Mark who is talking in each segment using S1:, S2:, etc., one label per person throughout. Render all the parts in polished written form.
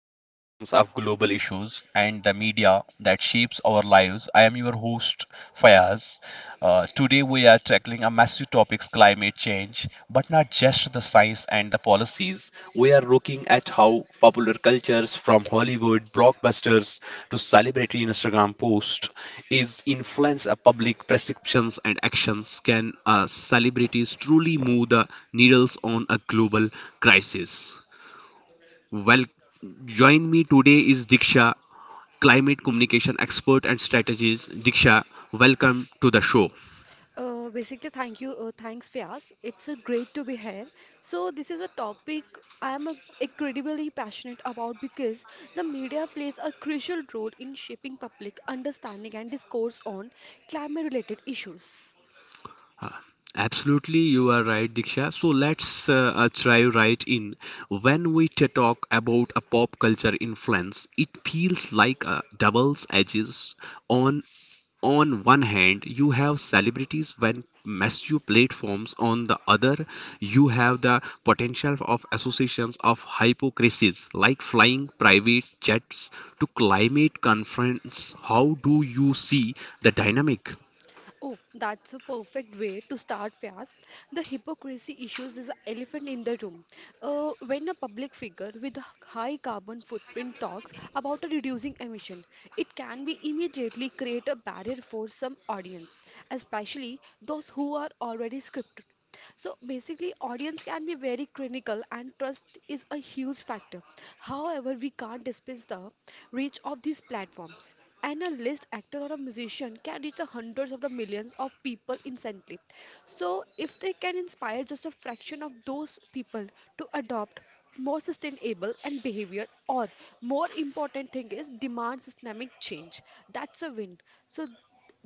S1: the interactions of global issues and the media that shapes our lives. I am your host, Fayaz. Today, we are tackling a massive topic climate change, but not just the science and the policies. We are looking at how popular cultures from Hollywood blockbusters to celebrity Instagram posts is influence of public perceptions and actions. Can celebrities truly move the needles on a global crisis? Welcome Join me today is Diksha, climate communication expert and strategist. Diksha, welcome to the show.
S2: Thank you. Thanks, Fias. It's a great to be here. So, this is a topic I am incredibly passionate about because the media plays a crucial role in shaping public understanding and discourse on climate-related issues.
S1: Absolutely, you are right, Diksha. So let's dive right in. When we talk about a pop culture influence, it feels like a double edges on on one hand you have celebrities when massive platforms on the other you have the potential of associations of hypocrisies like flying private jets to climate conference how do you see the dynamic.
S2: Oh, that's a perfect way to start, Vyas. The hypocrisy issues is an elephant in the room. When a public figure with a high carbon footprint talks about reducing emission, it can be immediately create a barrier for some audience, especially those who are already scripted. So basically, audience can be very critical, and trust is a huge factor. However, we can't dismiss the reach of these platforms. And a list actor or a musician can reach the hundreds of the millions of people instantly. So, if they can inspire just a fraction of those people to adopt more sustainable and behavior, or more important thing is demand systemic change, that's a win. So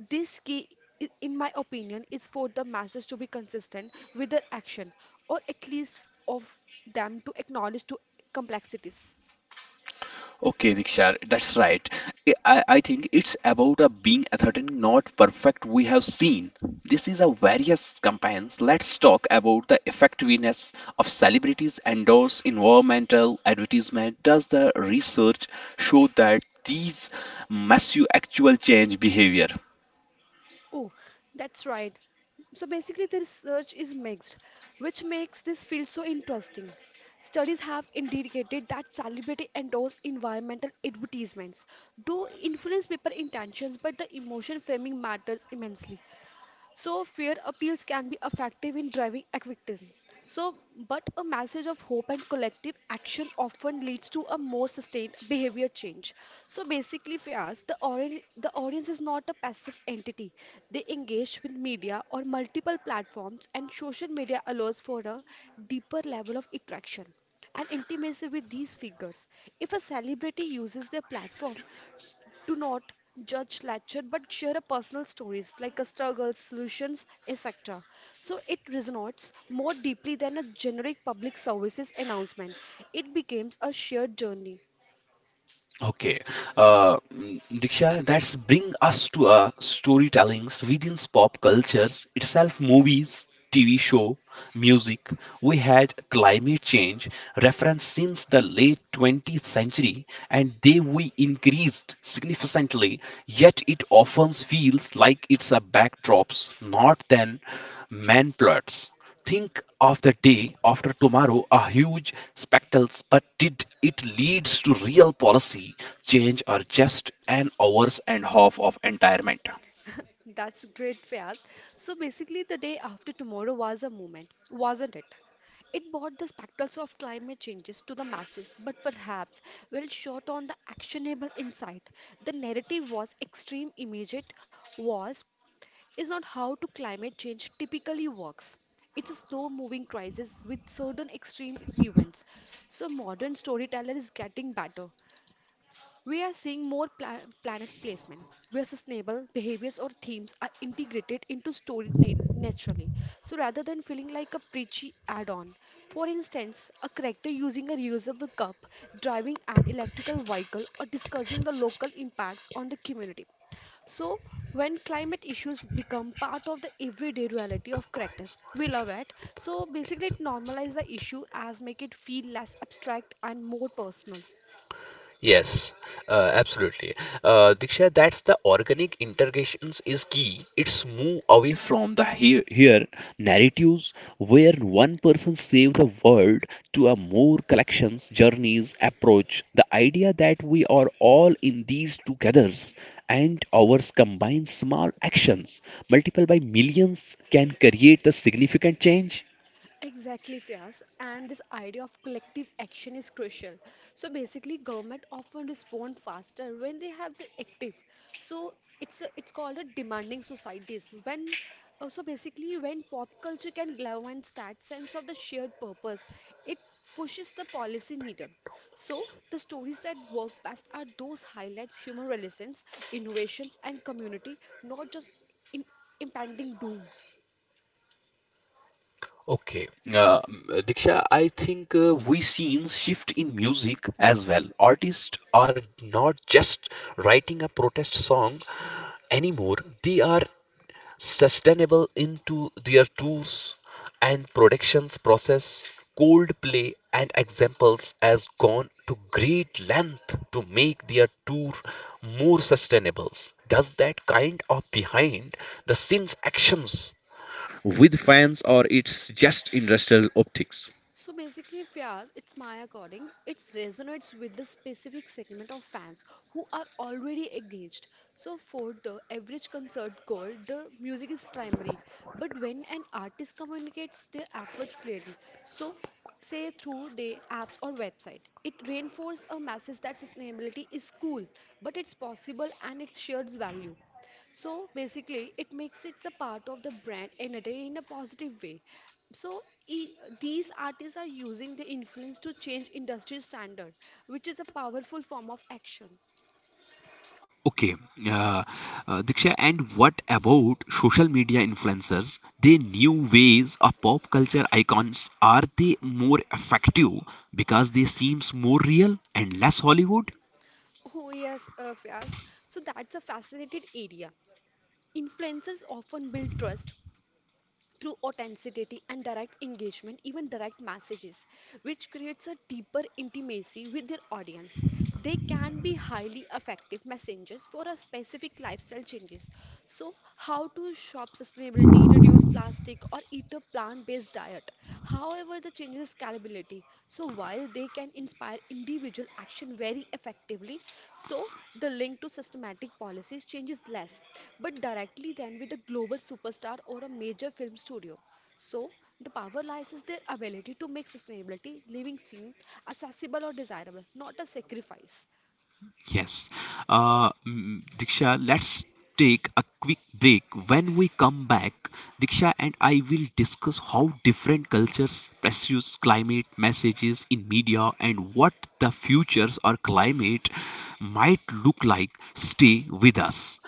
S2: this key, in my opinion, is for the masses to be consistent with their action, or at least of them to acknowledge to complexities.
S1: Okay, Diksha, that's right. I think it's about a being authentic, not perfect. We have seen this is a various campaigns. Let's talk about the effectiveness of celebrities endorse environmental advertisement. Does the research show that these massive actual change behavior?
S2: Oh, that's right. So basically, the research is mixed, which makes this field so interesting. Studies have indicated that celebrity endorsed environmental advertisements do influence people intentions, but the emotion framing matters immensely. So, fear appeals can be effective in driving activism. So, but a message of hope and collective action often leads to a more sustained behavior change. So, basically, for us, the audience is not a passive entity. They engage with media or multiple platforms, and social media allows for a deeper level of interaction and intimacy with these figures. If a celebrity uses their platform do not judge lecture but share a personal stories like a struggle solutions etc so it resonates more deeply than a generic public services announcement it becomes a shared journey
S1: Okay, Diksha, that's bring us to storytellings within pop cultures itself, movies, TV show, music. We had climate change reference since the late 20th century, and they we increased significantly. Yet it often feels like it's a backdrops, not then man plots think of the day after tomorrow a huge spectacles, but did it leads to real policy change or just an hours and half of entirement?
S2: that's great Fiyaz. So basically the day after tomorrow was a moment, wasn't it? It brought the spectacles of climate changes to the masses, but perhaps well short on the actionable insight. The narrative was extreme, immediate, was is not how to climate change typically works. It's a slow moving crisis with certain extreme events. So modern storyteller is getting better, we are seeing more planet placement where sustainable behaviors or themes are integrated into story naturally. So rather than feeling like a preachy add on, for instance, a character using a reusable cup, driving an
S1: Integration
S2: electrical vehicle, or discussing
S1: integration
S2: the local impacts on the community. So, when climate issues become part of the everyday reality of
S1: combines
S2: characters,
S1: all
S2: we
S1: the
S2: love
S1: different
S2: it. So, basically,
S1: millions of.
S2: it normalizes the issue as make it feel less abstract and more personal.
S1: Yes, absolutely. Diksha, that's the organic integrations is key. It's move away from the here narratives where one person save the world to a more collections journeys approach. The idea that we are all in these togethers and ours combined small actions multiplied by millions can create the significant change.
S2: Exactly, Fias, and this idea of collective action is crucial. So basically, government often respond faster when they have the active. So it's called a demanding societies. When so basically, when pop culture can galvanize that sense of the shared purpose, it pushes the policy needle. So the stories that work best are those highlights human relations, innovations, and community, not just in impending doom.
S1: Okay, Diksha, I think we seen shift in music as well. Artists are not just writing a protest song anymore. They are sustainable into their tours and productions process. Coldplay and examples has gone to great length to make their tour more sustainable. Does that kind of behind the scenes actions with fans or it's just industrial optics?
S2: So basically, Fiaz, it's my according, it resonates with the specific segment of fans who are already engaged. So for the average concert goer, the music is primary. But when an artist communicates their efforts clearly, so say through their apps or website, it reinforces a message that sustainability is cool, but it's possible and it shares value. So basically, it makes it a part of the brand in a day in a positive way. So these artists are using the influence to change industry standards, which is a powerful form of action.
S1: Okay, uh, Diksha, and what about social media influencers? They new ways of pop culture icons. Are they more effective because they seems more real and less Hollywood?
S2: Oh yes, Fias. So that's a fascinating area. Influencers often build trust through authenticity and direct engagement, even direct messages, which creates a deeper intimacy with their audience. They can be highly effective messengers for a specific lifestyle changes. So, how to shop sustainability, reduce plastic, or eat a plant-based diet. However, the changes scalability responsibility. So while they can inspire individual action very effectively, so the link to systematic policies changes less, but directly than with a global superstar or a major film studio. So the power lies in their ability to make sustainability living seen accessible or desirable, not a sacrifice.
S1: Yes. Diksha, let's take a quick break. When we come back, Diksha and I will discuss how different cultures pursue climate messages in media and what the futures or climate might look like. Stay with us.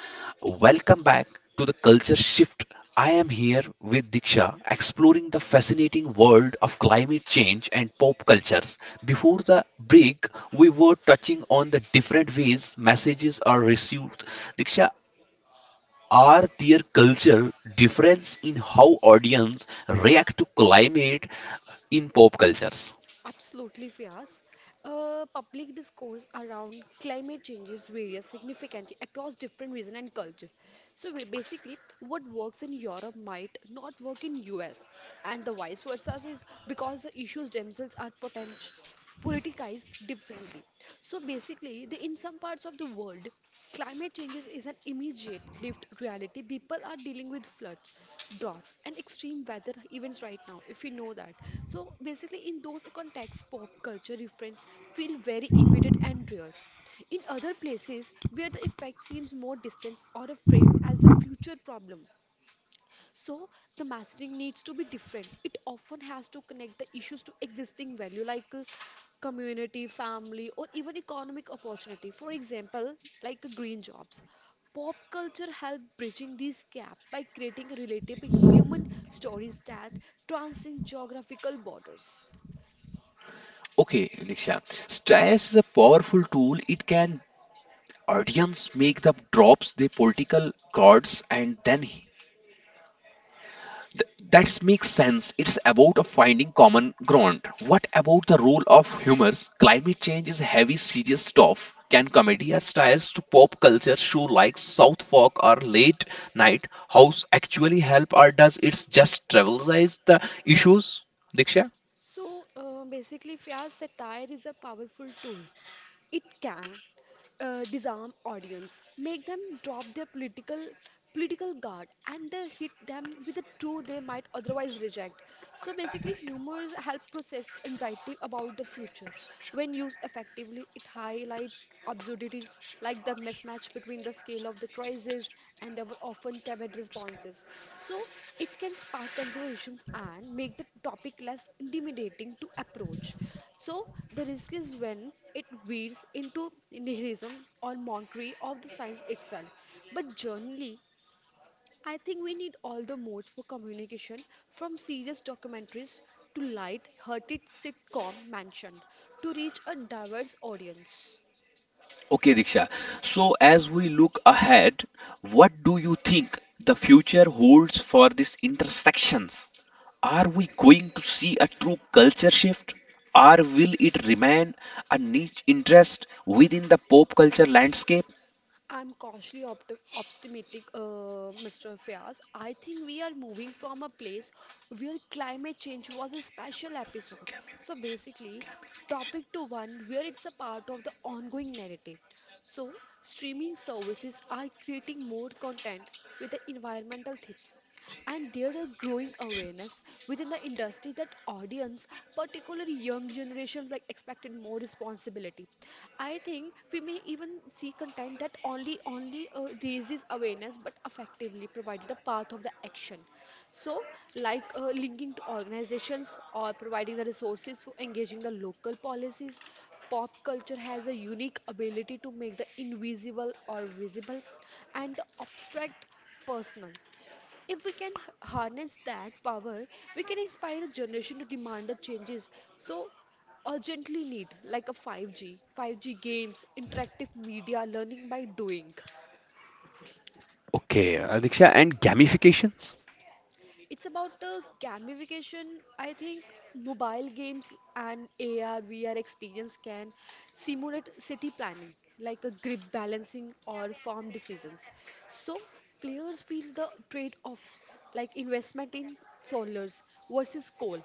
S1: Welcome back to the Culture Shift. I am here with Diksha exploring the fascinating world of climate change and pop cultures. Before the break, we were touching on the different ways messages are received. Diksha, are there cultural difference in how audience react to climate in pop cultures?
S2: Absolutely, Vyas. Public discourse around climate change is varies significantly across different regions and culture. So basically, what works in Europe might not work in US, and the vice versa is because the issues themselves are potential politicized differently. So basically, the, in some parts of the world, climate changes is an immediate lived reality. People are dealing with floods, droughts, and extreme weather events right now, if you know that. So basically, in those contexts, pop culture reference feel very immediate and real. In other places, where the effect seems more distant or framed as a future problem, so the messaging needs to be different. It often has to connect the issues to existing value like community, family, or even economic opportunity. For example, like green jobs. Pop culture help bridging these gaps by creating relatable human stories that transcend geographical borders.
S1: Okay, Diksha. Stress is a powerful tool. It can audience make the drops the political cards and then that makes sense. It's about a finding common ground. What about the role of humors? Climate change is heavy, serious stuff. Can comedy or styles to pop culture show like South Fork or Late Night House actually help, or does it just trivialize the issues? Diksha.
S2: So basically, Fiaz, satire is a powerful tool. It can disarm audience, make them drop their political guard, and hit them with the truth they might otherwise reject. So basically, humors help process anxiety about the future. When used effectively, it highlights absurdities like the mismatch between the scale of the crisis, and our often timid responses. So, it can spark conversations and make the topic less intimidating to approach. So, the risk is when it veers into nihilism or mockery of the science itself. But generally, I think we need all the modes for communication from serious documentaries to light-hearted sitcom mentioned to reach a diverse audience.
S1: Okay, Diksha. So, as we look ahead, what do you think the future holds for these intersections? Are we going to see a true culture shift, or will it remain a niche interest within the pop culture landscape?
S2: I'm cautiously optimistic, Mr. Fias. I think we are moving from a place where climate change was a special episode. So basically, topic to one where it's a part of the ongoing narrative. So streaming services are creating more content with the environmental themes. And there are growing awareness within the industry that audience, particularly young generations, like expected more responsibility. I think we may even see content that only raises awareness but effectively provided a path of the action. So, like linking to organizations or providing the resources for engaging the local policies, pop culture has a unique ability to make the invisible or visible and the abstract personal. If we can harness that power, we can inspire a generation to demand the changes so urgently need, like a 5G, 5G games, interactive media, learning by doing.
S1: Okay, Diksha, and gamifications?
S2: It's about gamification. I think mobile games and AR, VR experience can simulate city planning, like a grip balancing or farm decisions. So players feel the trade-offs, like investment in solars versus coal,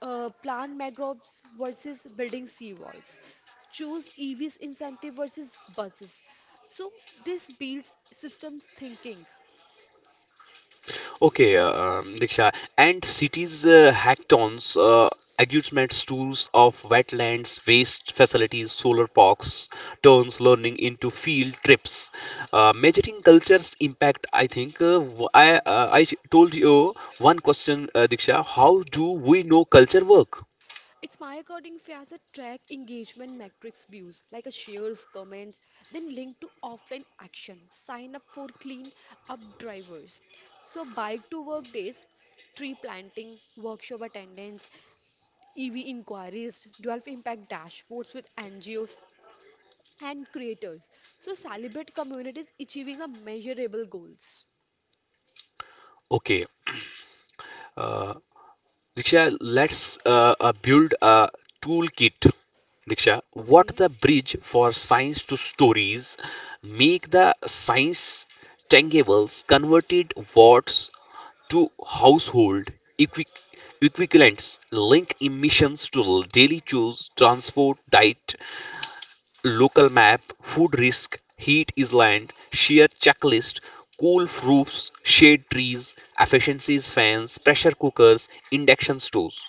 S2: plant mangroves versus building seawalls, choose EVs incentive versus buses. So this builds systems thinking.
S1: Okay, Diksha, and cities hackathons, arguments, tours of wetlands, waste facilities, solar parks, turns learning into field trips. Measuring culture's impact, I think. I told you one question, Diksha. How do we know culture work?
S2: It's my according Fiazza track engagement metrics views like a shares, comments, then link to offline action. Sign up for clean up drivers. So bike to work days, tree planting, workshop attendance, EV inquiries, 12 impact dashboards with NGOs and creators. So celebrate communities achieving the measurable goals.
S1: Okay. uh, Diksha, let's build a toolkit. Diksha, what
S2: Okay.
S1: the bridge for science to stories? Make the science tangibles converted watts to household equi- equivalents. Link emissions to daily choose, transport, diet, local map, food risk, heat island, shear checklist, cool roofs, shade trees, efficiencies fans, pressure cookers, induction stoves.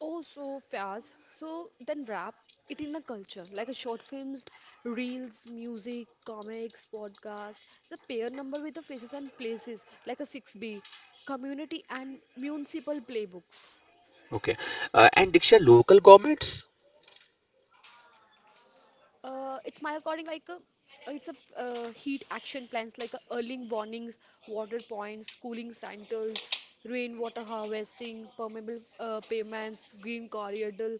S2: Oh, so Faiz, so then wrap it in a culture like a short films, reels, music, comics, podcast. The pair number with the faces and places like a 6B, community and municipal playbooks.
S1: Okay. And Diksha, local governments?
S2: It's my according like a it's a heat action plans like early warnings, water points, cooling centers, rainwater harvesting, permeable pavements, green corridor,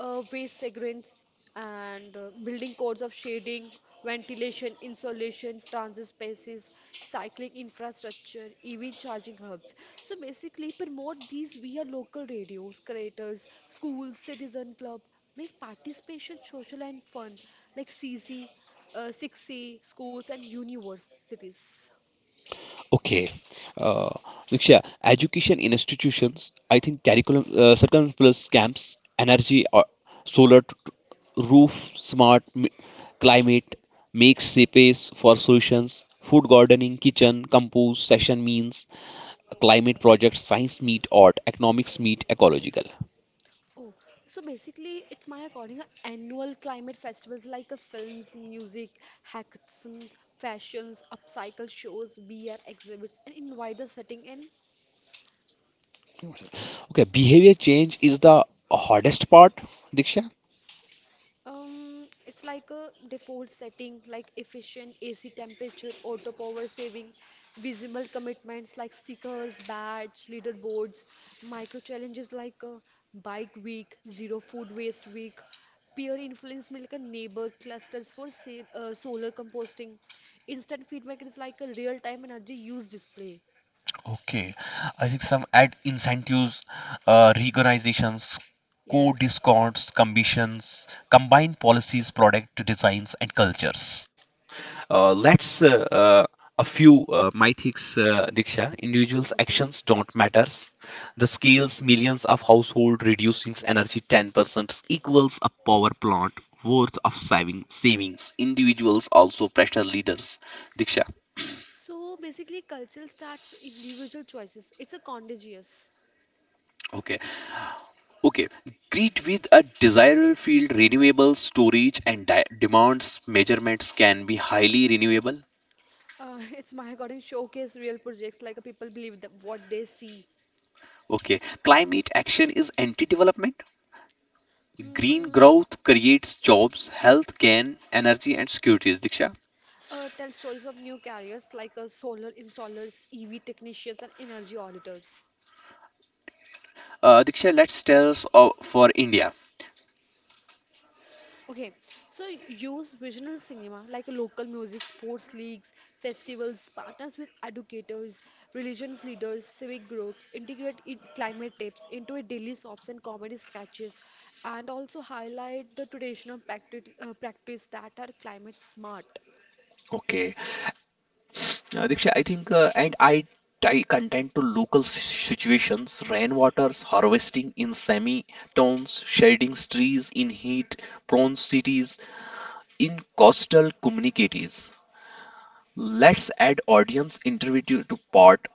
S2: waste segments, and building codes of shading, ventilation, insulation, transit spaces, cycling infrastructure, EV charging hubs. So basically, promote these via local radios, creators, schools, citizen club, make participation social and fun like CZ, 6C, schools and universities.
S1: Okay. Uh, Diksha, education in institutions, I think curriculum, circumference plus camps, energy, or solar, roof, smart, climate, makes space for solutions, food gardening, kitchen, compose, session means, climate projects, science meet art, economics meet ecological.
S2: Oh, so basically, it's my according a annual climate festivals like a films, music, hackathons, fashions, upcycle shows, beer exhibits, and invite the setting in
S1: Okay, behavior change is the hardest part, Diksha.
S2: It's like a default setting like efficient AC temperature, auto power saving, visible commitments like stickers, badge, leaderboards, micro challenges like a bike week, zero food waste week, peer influence like a neighbor clusters for sale, solar composting. Instant feedback is like a real-time energy use display.
S1: Okay, I think some ad incentives, recognitions, co
S2: Yes.
S1: discounts, commissions, combined policies, product designs, and cultures. Let's A few mythics, Diksha. Individuals'
S2: Okay.
S1: actions don't matters. The scales millions of household reducing energy 10% equals a power plant worth of savings. Individuals also pressure leaders. Diksha.
S2: So basically, culture starts individual choices. It's a contagious.
S1: Okay. Okay, grid with a desirable field, renewable storage and demands measurements can be highly renewable.
S2: It's my according showcase real projects like people believe that what they see.
S1: Okay, climate action is anti-development. Green
S2: Mm,
S1: growth creates jobs, health, gain, energy, and securities. Diksha,
S2: tell stories of new careers like solar installers, EV technicians, and energy auditors.
S1: Diksha, let's tell us for India.
S2: Okay, so use regional cinema like local music, sports leagues, festivals, partners with educators, religions leaders, civic groups, integrate in climate tips into a daily soaps and comedy sketches, and also highlight the practice that are climate smart.
S1: Okay, Diksha, I think and I tie content to local situations, rainwaters, harvesting in semi-towns, shading trees in heat-prone cities, in coastal communities. Let's add audience interview to part.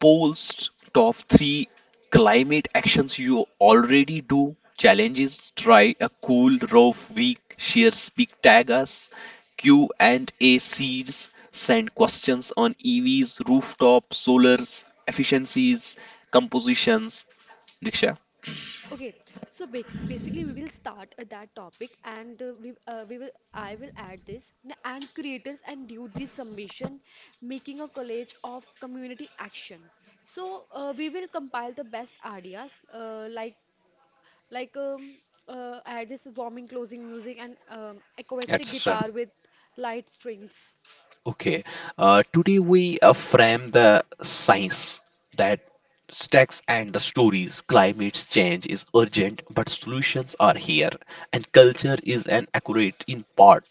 S1: Post top three climate actions you already do. Challenges. Try a cool roof week. Share speak tag us. Q and A seeds. Send questions on EVs, rooftop, solars, efficiencies, compositions. Diksha,
S2: Okay, so basically we will start that topic and we will I will add this and creators and due this submission making a college of community action. So we will compile the best ideas like um, add this warming closing music and acoustic
S1: etc.
S2: guitar with light strings.
S1: Okay, today we frame the science that stacks and the stories. Climate change is urgent, but solutions are here, and culture is an accurate in part.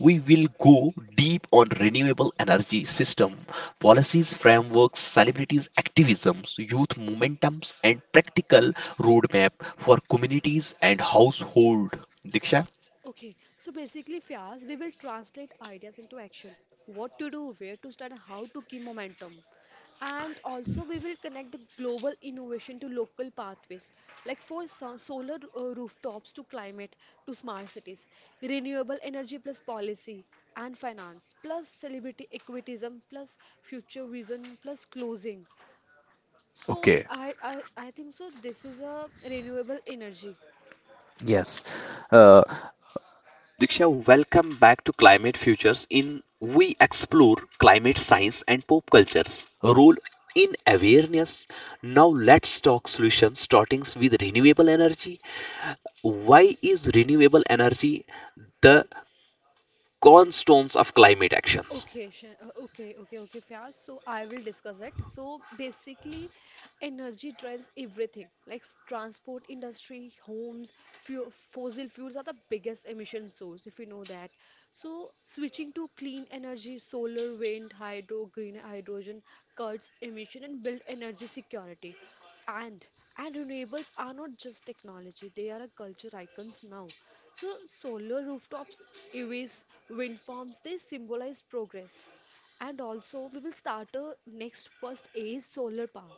S1: We will go deep on renewable energy system, policies, frameworks, celebrities, activisms, youth momentums, and practical roadmap for communities and household. Diksha?
S2: Okay, so basically, Fias, we will translate ideas into action. What to do, where to start, and how to keep momentum. And also, we will connect the global innovation to local pathways, like for solar rooftops to climate to smart cities, renewable energy plus policy and finance, plus celebrity equitism, plus future vision, plus closing. So
S1: Okay.
S2: I think so. This is a renewable energy.
S1: Yes. Uh, Diksha, welcome back to Climate Futures. In we explore climate science and pop culture's role in awareness. Now let's talk solutions, starting with renewable energy. Why is renewable energy the cornerstones of climate actions?
S2: Okay, Fiyaz. So I will discuss it. So basically, energy drives everything, like transport industry, homes, fuel, fossil fuels are the biggest emission source, if you know that. So switching to clean energy, solar, wind, hydro, green hydrogen, cuts emission and build energy security. And and renewables are not just technology, they are a culture icons now. So solar rooftops, EVs, wind farms, they symbolize progress. And also we will start a next first is solar power.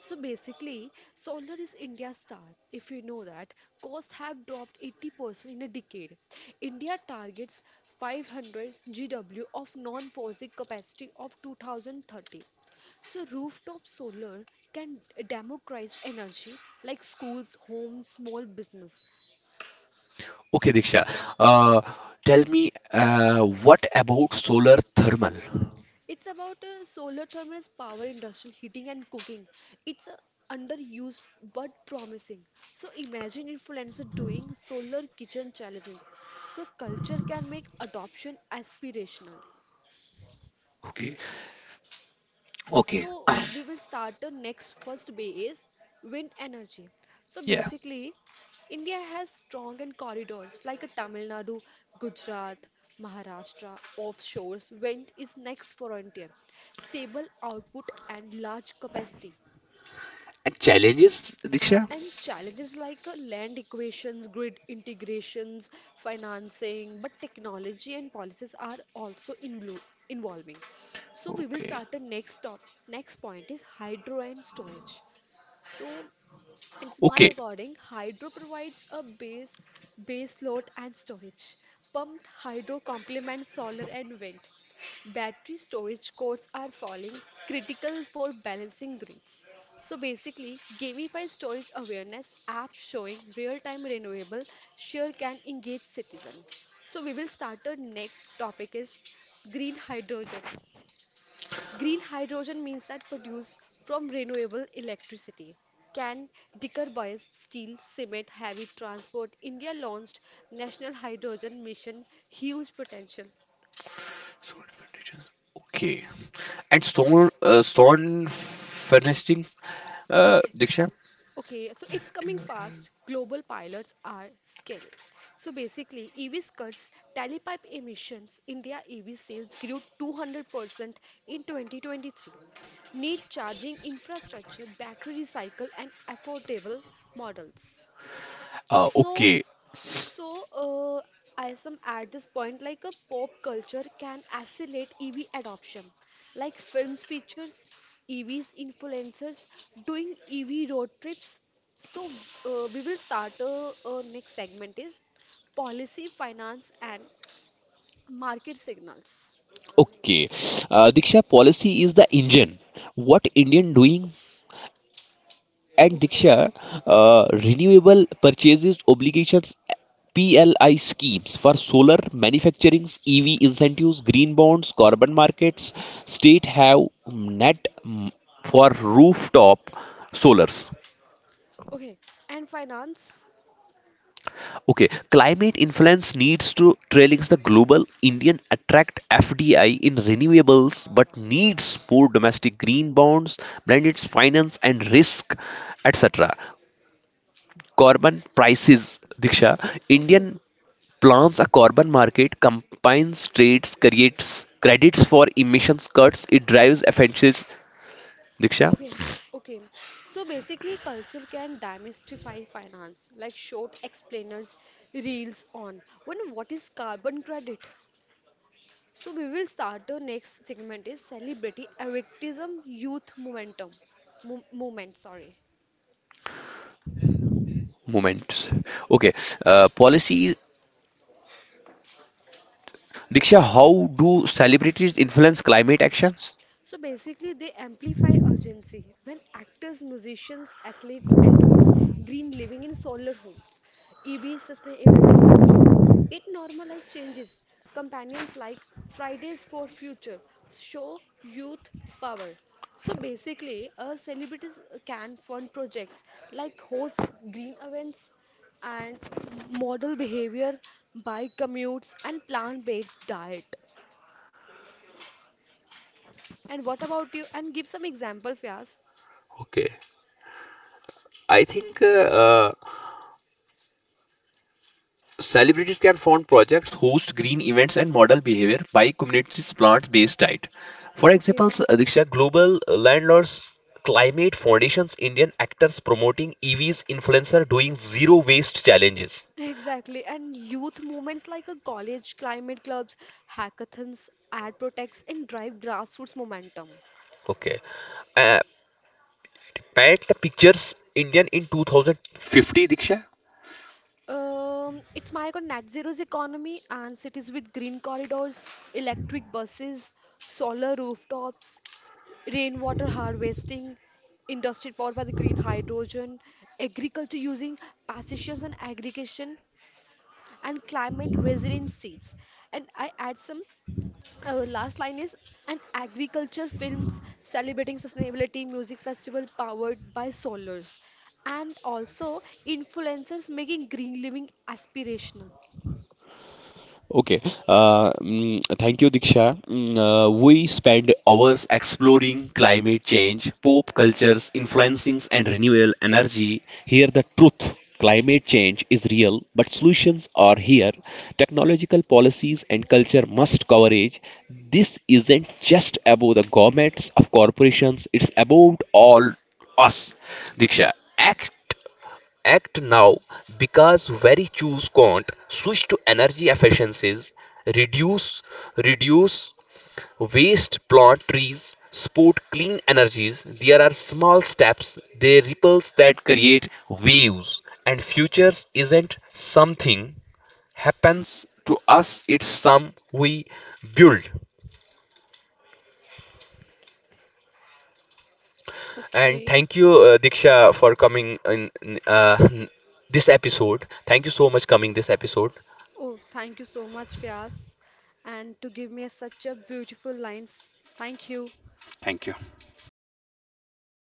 S2: So basically, solar is India's star. If you know that, costs have dropped 80% in a decade. India targets 500 GW of non-fossil capacity of 2030. So, rooftop solar can democratize energy like schools, homes, small business.
S1: Okay, Diksha, uh, tell me what about solar thermal?
S2: It's about solar thermal as power, industrial heating, and cooking. It's underused but promising. So, imagine influencer doing solar kitchen challenges. So, culture can make adoption aspirational.
S1: Okay. Okay,
S2: So we will start the next first bay is wind energy. So
S1: yeah,
S2: basically, India has strong and corridors like a Tamil Nadu, Gujarat, Maharashtra, offshores. Wind is next frontier, stable output and large capacity.
S1: and challenges, Diksha.
S2: And challenges like land equations, grid integrations, financing, but technology and policies are also involving. So we will
S1: Okay,
S2: start the next top. Next point is hydro and storage. So it's my
S1: okay,
S2: according, hydro provides a base load and storage. Pumped hydro complements solar and wind. Battery storage costs are falling, critical for balancing grids. So basically, gamify storage awareness app showing real-time renewable share can engage citizen. So we will start our next topic is green hydrogen. Green hydrogen means that produced from renewable electricity. Can decarbonize steel, cement, heavy transport. India launched National Hydrogen Mission. Huge potential.
S1: So, advantages. Okay. And Stone, Stone Furnishing,
S2: Okay,
S1: Diksha.
S2: okay. So it's coming fast. Global pilots are scaling. So basically, EVs cuts tailpipe emissions. India EV sales grew 200% in 2023 need charging infrastructure, battery recycle, and affordable models.
S1: Uh,
S2: So,
S1: okay,
S2: so I some at this point, like a pop culture can accelerate EV adoption, like films features EVs, influencers doing EV road trips. So we will start. Next segment is policy, finance, and market signals.
S1: okay. Diksha, policy is the engine. What Indian doing? And
S2: Okay,
S1: Diksha, renewable purchases obligations PLI schemes for solar manufacturing, EV incentives, green bonds, carbon markets. State have net mm, for rooftop solars.
S2: Okay, and finance.
S1: Okay, climate influence needs to trailings the global Indian attract FDI in renewables, but needs more domestic green bonds, blended finance and risk, etc. Carbon prices, Diksha,
S2: Okay,
S1: Indian plans a carbon market, combines trades, creates credits for emissions cuts, it drives efficiencies. Diksha,
S2: Okay, okay. So basically, culture can demystify finance, like short explainers, reels on. When what is carbon credit? So we will start the next segment is celebrity activism, youth momentum, mo movement. Sorry.
S1: moment. Okay, policy. Diksha, how do celebrities influence climate actions?
S2: So basically, they amplify urgency. When actors, musicians, athletes endorse green living in solar homes, EV sustainability fashions, it normalizes changes. Companions like Fridays for Future show youth power. So basically, celebrities can fund projects like host green events and model behavior by commutes and plant-based diet. And what about you? And give some example, Fias.
S1: Okay. I think uh, celebrities can fund projects, host green events, and model behavior by communities' plants based diet. For example,
S2: Okay,
S1: Diksha, Global Landlords Climate Foundation's Indian actors promoting EVs influencer doing zero waste challenges.
S2: exactly. And youth movements like a college climate clubs, hackathons, ad protects, and drive grassroots momentum.
S1: Okay. Uh, Paint the pictures Indian in 2050, Diksha.
S2: It's my on net zero's economy and cities with green corridors, electric buses, solar rooftops, rainwater harvesting, industry powered by the green hydrogen, agriculture using pastures and aggregation, and climate resilient seeds. And I add some uh, last line is an agriculture films celebrating sustainability music festival powered by solars and also influencers making green living aspirational.
S1: Okay. Thank you, Diksha. We spend hours exploring climate change, pop cultures, influencings, and renewable energy. Here, the truth. Climate change is real, but solutions are here. Technological policies and culture must coverage. This isn't just about the governments of corporations, it's about all us. Diksha, act act now because very choose can't switch to energy efficiencies reduce reduce waste plant trees support clean energies there are small steps they ripples that create waves and futures isn't something happens to us it's some we build. And
S2: Okay,
S1: thank you diksha for coming in this episode thank you so much coming this episode
S2: oh, thank you so much, Fias, and to give me such a beautiful lines. Thank you.
S1: thank you.